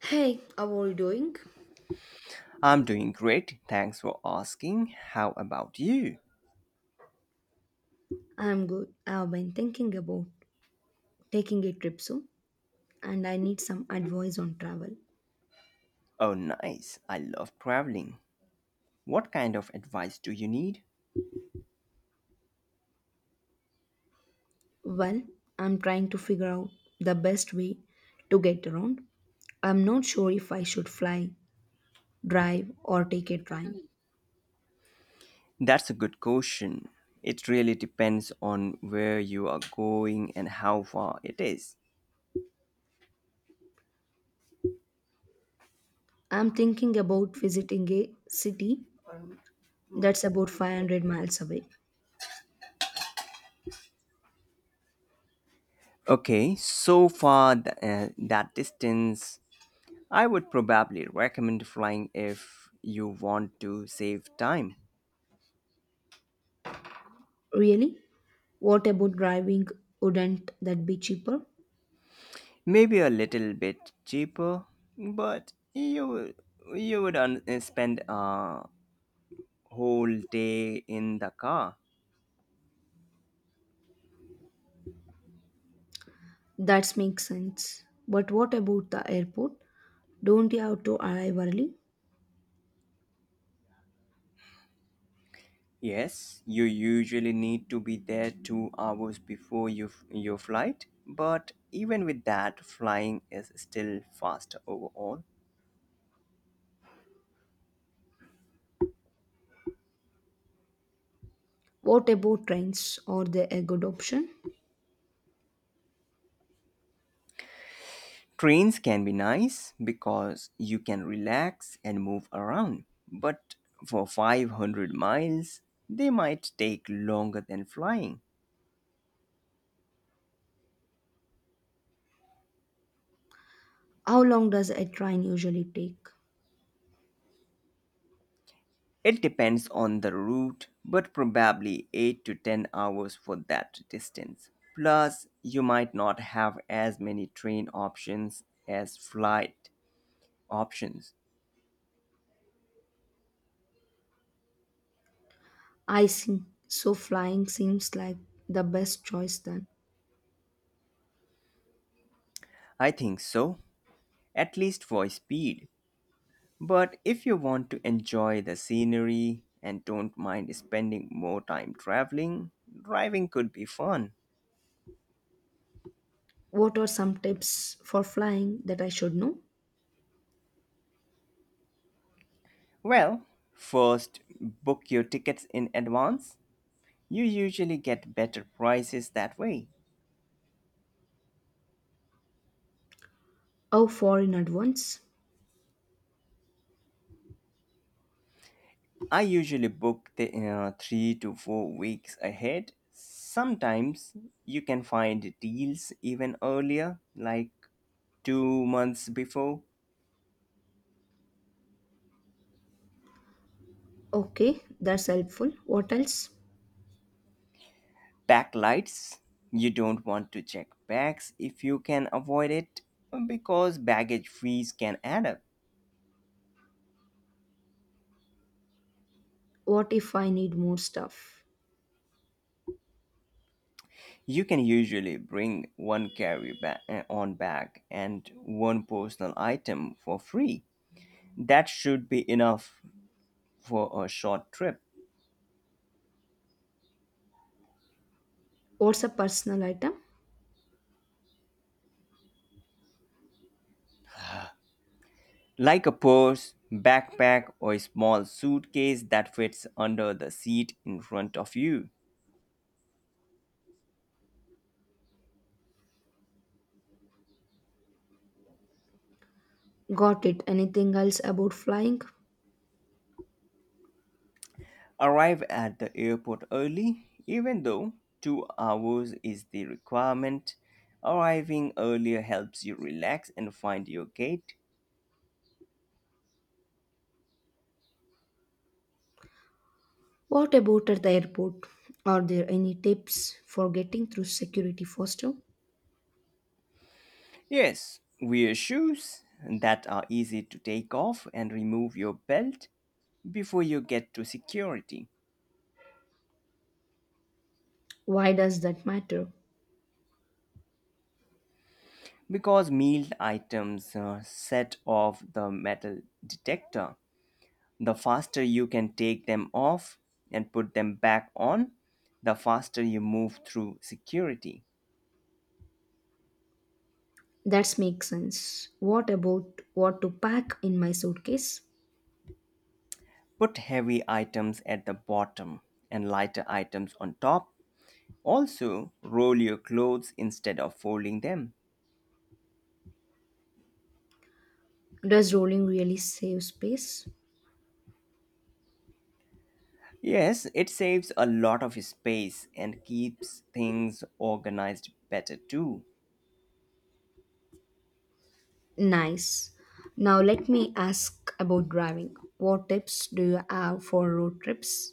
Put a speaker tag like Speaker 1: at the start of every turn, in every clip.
Speaker 1: Hey, how are you doing?
Speaker 2: I'm doing great. Thanks for asking. How about you?
Speaker 1: I'm good. I've been thinking about taking a trip soon and I need some advice on travel.
Speaker 2: Oh, nice. I love traveling. What kind of advice do you need?
Speaker 1: Well, I'm trying to figure out the best way to get around. I'm not sure if I should fly, drive, or take a train.
Speaker 2: That's a good question. It really depends on where you are going and how far it is.
Speaker 1: I'm thinking about visiting a city that's about 500 miles away.
Speaker 2: Okay, so far that distance, I would probably recommend flying if you want to save time.
Speaker 1: Really? What about driving? Wouldn't that be cheaper?
Speaker 2: Maybe a little bit cheaper, but you would spend whole day in the car.
Speaker 1: That makes sense. But what about the airport? Don't you have to arrive early?
Speaker 2: Yes, you usually need to be there 2 hours before your flight, but even with that, flying is still faster overall.
Speaker 1: What about trains? Or they a good option?
Speaker 2: Trains can be nice because you can relax and move around, but for 500 miles, they might take longer than flying.
Speaker 1: How long does a train usually take?
Speaker 2: It depends on the route, but probably 8 to 10 hours for that distance. Plus, you might not have as many train options as flight options.
Speaker 1: I see. So flying seems like the best choice then.
Speaker 2: I think so, at least for speed. But if you want to enjoy the scenery and don't mind spending more time traveling, driving could be fun.
Speaker 1: What are some tips for flying that I should know?
Speaker 2: Well, first book your tickets in advance. You usually get better prices that way.
Speaker 1: How far in advance?
Speaker 2: I usually book 3 to 4 weeks ahead. Sometimes you can find deals even earlier, like 2 months before.
Speaker 1: Okay, that's helpful. What else?
Speaker 2: Backlights, you don't want to check bags if you can avoid it because baggage fees can add up.
Speaker 1: What if I need more stuff?
Speaker 2: You can usually bring one on bag and one personal item for free. That should be enough for a short trip.
Speaker 1: What's a personal item?
Speaker 2: Like a purse, backpack, or a small suitcase that fits under the seat in front of you.
Speaker 1: Got it. Anything else about flying?
Speaker 2: Arrive at the airport early, even though 2 hours is the requirement. Arriving earlier helps you relax and find your gate.
Speaker 1: What about at the airport? Are there any tips for getting through security faster?
Speaker 2: Yes, wear shoes that are easy to take off and remove your belt before you get to security
Speaker 1: Why does that matter?
Speaker 2: because meal items set off the metal detector. The faster you can take them off and put them back on, the faster you move through security.
Speaker 1: That makes sense. What about what to pack in my suitcase?
Speaker 2: Put heavy items at the bottom and lighter items on top. Also, roll your clothes instead of folding them.
Speaker 1: Does rolling really save space?
Speaker 2: Yes, it saves a lot of space and keeps things organized better too.
Speaker 1: Nice. Now let me ask about driving. What tips do you have for road trips?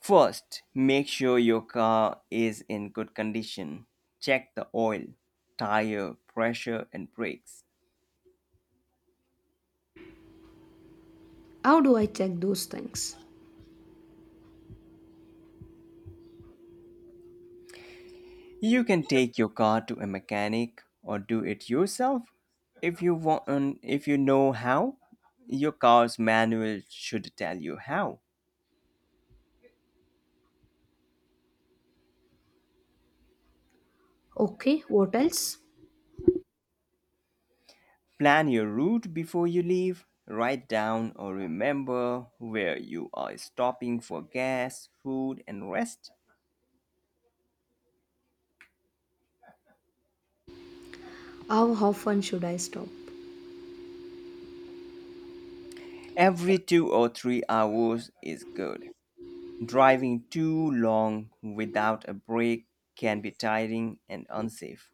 Speaker 2: First, make sure your car is in good condition. Check the oil, tire pressure, and brakes.
Speaker 1: How do I check those things?
Speaker 2: You can take your car to a mechanic or do it yourself if you want if you know how. Your car's manual should tell you how.
Speaker 1: Okay, what else?
Speaker 2: Plan your route before you leave. Write down or remember where you are stopping for gas, food and rest.
Speaker 1: How often should I stop?
Speaker 2: Every 2 or 3 hours is good. Driving too long without a break can be tiring and unsafe.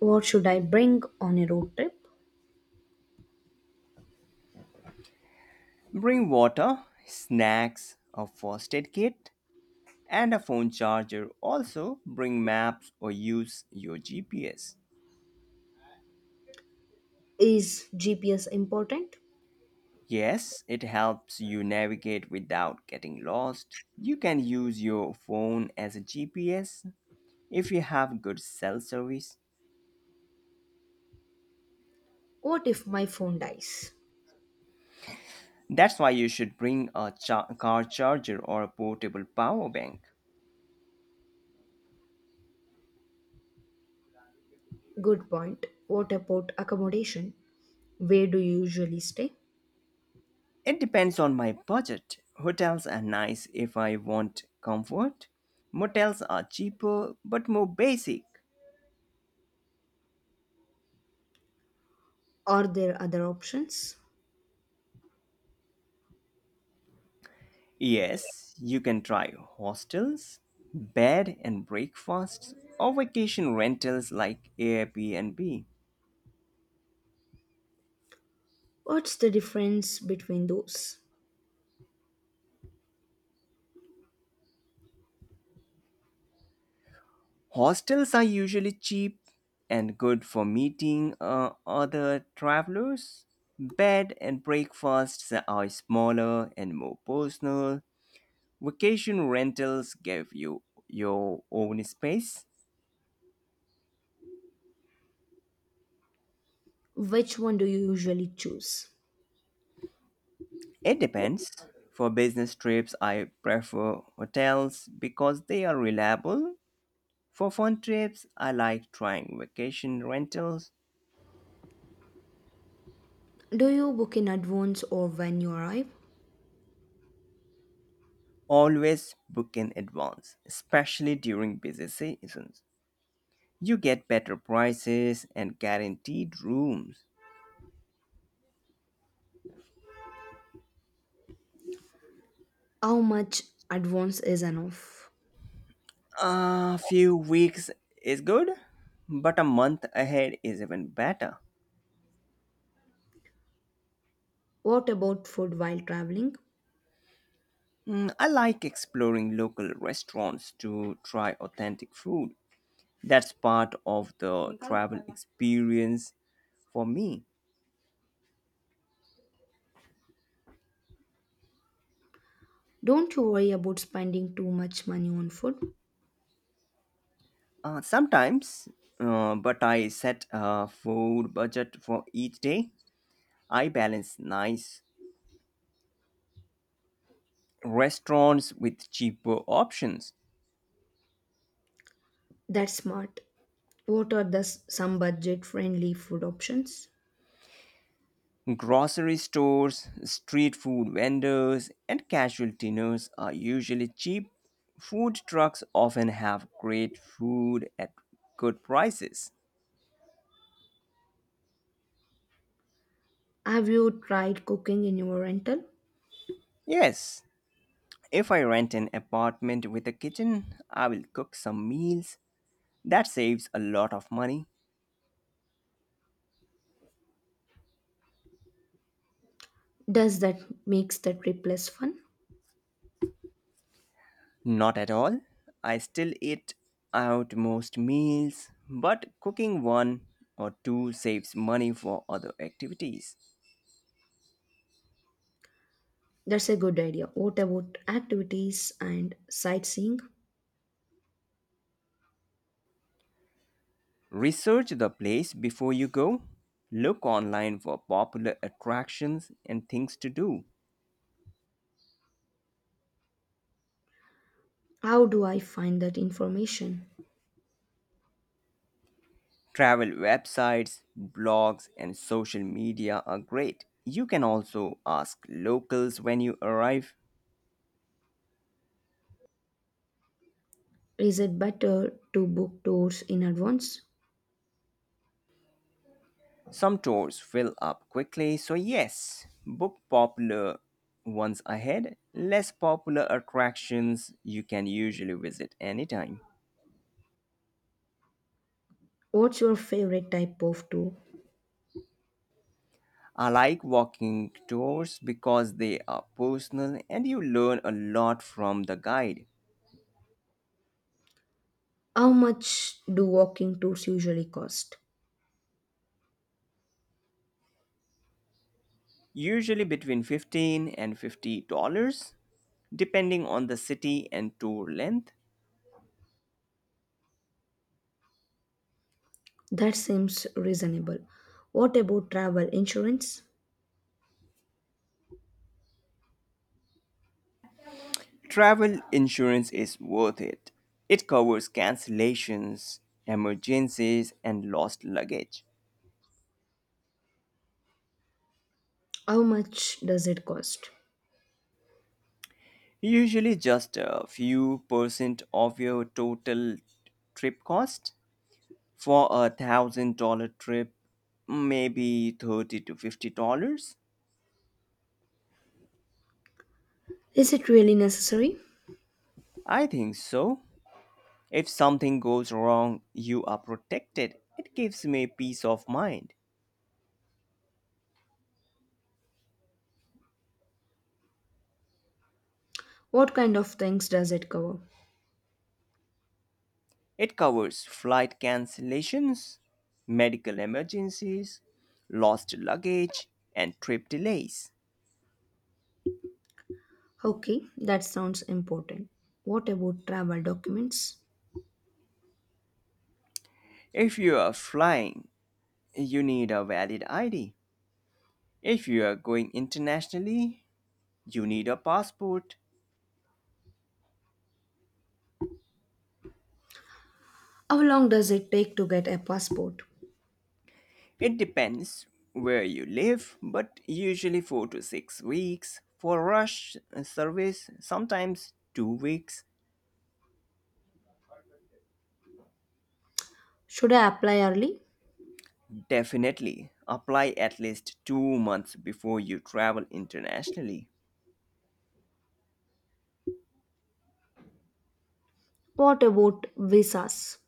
Speaker 1: What should I bring on a road trip?
Speaker 2: Bring water, snacks, a first aid kit, and a phone charger. Also, bring maps or use your GPS.
Speaker 1: Is GPS important?
Speaker 2: Yes, it helps you navigate without getting lost. You can use your phone as a GPS if you have good cell service.
Speaker 1: What if my phone dies?
Speaker 2: That's why you should bring a car charger or a portable power bank.
Speaker 1: Good point. What about accommodation? Where do you usually stay?
Speaker 2: It depends on my budget. Hotels are nice if I want comfort. Motels are cheaper but more basic.
Speaker 1: Are there other options?
Speaker 2: Yes, you can try hostels, bed and breakfasts, or vacation rentals like Airbnb.
Speaker 1: What's the difference between those?
Speaker 2: Hostels are usually cheap and good for meeting other travelers. Bed and breakfasts are smaller and more personal. Vacation rentals give you your own space.
Speaker 1: Which one do you usually choose?
Speaker 2: It depends. For business trips, I prefer hotels because they are reliable. For fun trips, I like trying vacation rentals.
Speaker 1: Do you book in advance or when you arrive?
Speaker 2: Always book in advance, especially during busy seasons. You get better prices and guaranteed rooms.
Speaker 1: How much advance is enough?
Speaker 2: A few weeks is good, but a month ahead is even better.
Speaker 1: What about food while traveling?
Speaker 2: I like exploring local restaurants to try authentic food. That's part of the travel experience for me.
Speaker 1: Don't you worry about spending too much money on food?
Speaker 2: Sometimes, but I set a food budget for each day. I balance nice restaurants with cheaper options.
Speaker 1: That's smart. What are the some budget friendly food options?
Speaker 2: Grocery stores, street food vendors, and casual dinners are usually cheap. Food trucks often have great food at good prices.
Speaker 1: Have you tried cooking in your rental?
Speaker 2: Yes, if I rent an apartment with a kitchen, I will cook some meals. That saves a lot of money.
Speaker 1: Does that makes the trip less fun?
Speaker 2: Not at all. I still eat out most meals, but cooking one or two saves money for other activities.
Speaker 1: That's a good idea. What about activities and sightseeing?
Speaker 2: Research the place before you go. Look online for popular attractions and things to do.
Speaker 1: How do I find that information?
Speaker 2: Travel websites, blogs, and social media are great. You can also ask locals when you arrive.
Speaker 1: Is it better to book tours in advance?
Speaker 2: Some tours fill up quickly, so yes, book popular ones ahead. Less popular attractions you can usually visit anytime.
Speaker 1: What's your favorite type of tour?
Speaker 2: I like walking tours because they are personal and you learn a lot from the guide.
Speaker 1: How much do walking tours usually cost?
Speaker 2: Usually between 15 and $50, depending on the city and tour length.
Speaker 1: That seems reasonable. What about travel insurance?
Speaker 2: Travel insurance is worth it. It covers cancellations, emergencies, and lost luggage.
Speaker 1: How much does it cost?
Speaker 2: Usually just a few percent of your total trip cost. For $1,000 trip, maybe 30 to $50.
Speaker 1: Is it really necessary?
Speaker 2: I think so. If something goes wrong, you are protected. It gives me peace of mind.
Speaker 1: What kind of things does it cover?
Speaker 2: It covers flight cancellations, medical emergencies, lost luggage, and trip delays.
Speaker 1: Okay, that sounds important. What about travel documents?
Speaker 2: If you are flying, you need a valid ID. If you are going internationally, you need a passport.
Speaker 1: How long does it take to get a passport?
Speaker 2: It depends where you live, but usually 4 to 6 weeks. For rush service, sometimes 2 weeks.
Speaker 1: Should I apply early?
Speaker 2: Definitely apply at least 2 months before you travel internationally.
Speaker 1: What about visas?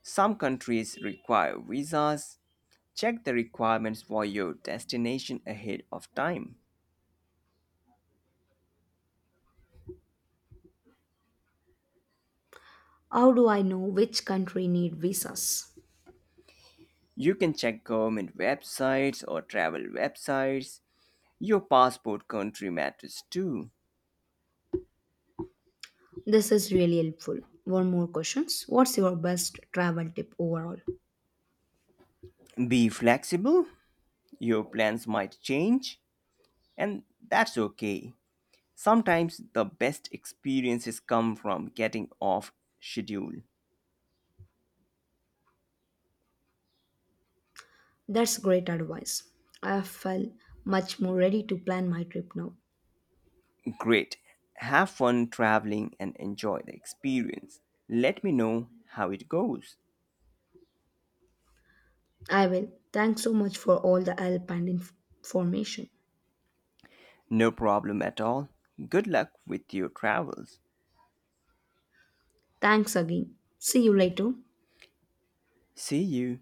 Speaker 2: Some countries require visas. Check the requirements for your destination ahead of time.
Speaker 1: How do I know which country need visas?
Speaker 2: You can check government websites or travel websites. Your passport country matters too.
Speaker 1: This is really helpful. One more questions. What's your best travel tip overall?
Speaker 2: Be flexible. Your plans might change, and that's okay. Sometimes the best experiences come from getting off schedule.
Speaker 1: That's great advice. I feel much more ready to plan my trip now.
Speaker 2: Great. Have fun traveling and enjoy the experience. Let me know how it goes.
Speaker 1: I will. Thanks so much for all the help and information.
Speaker 2: No problem at all. Good luck with your travels.
Speaker 1: Thanks again. See you later.
Speaker 2: See you.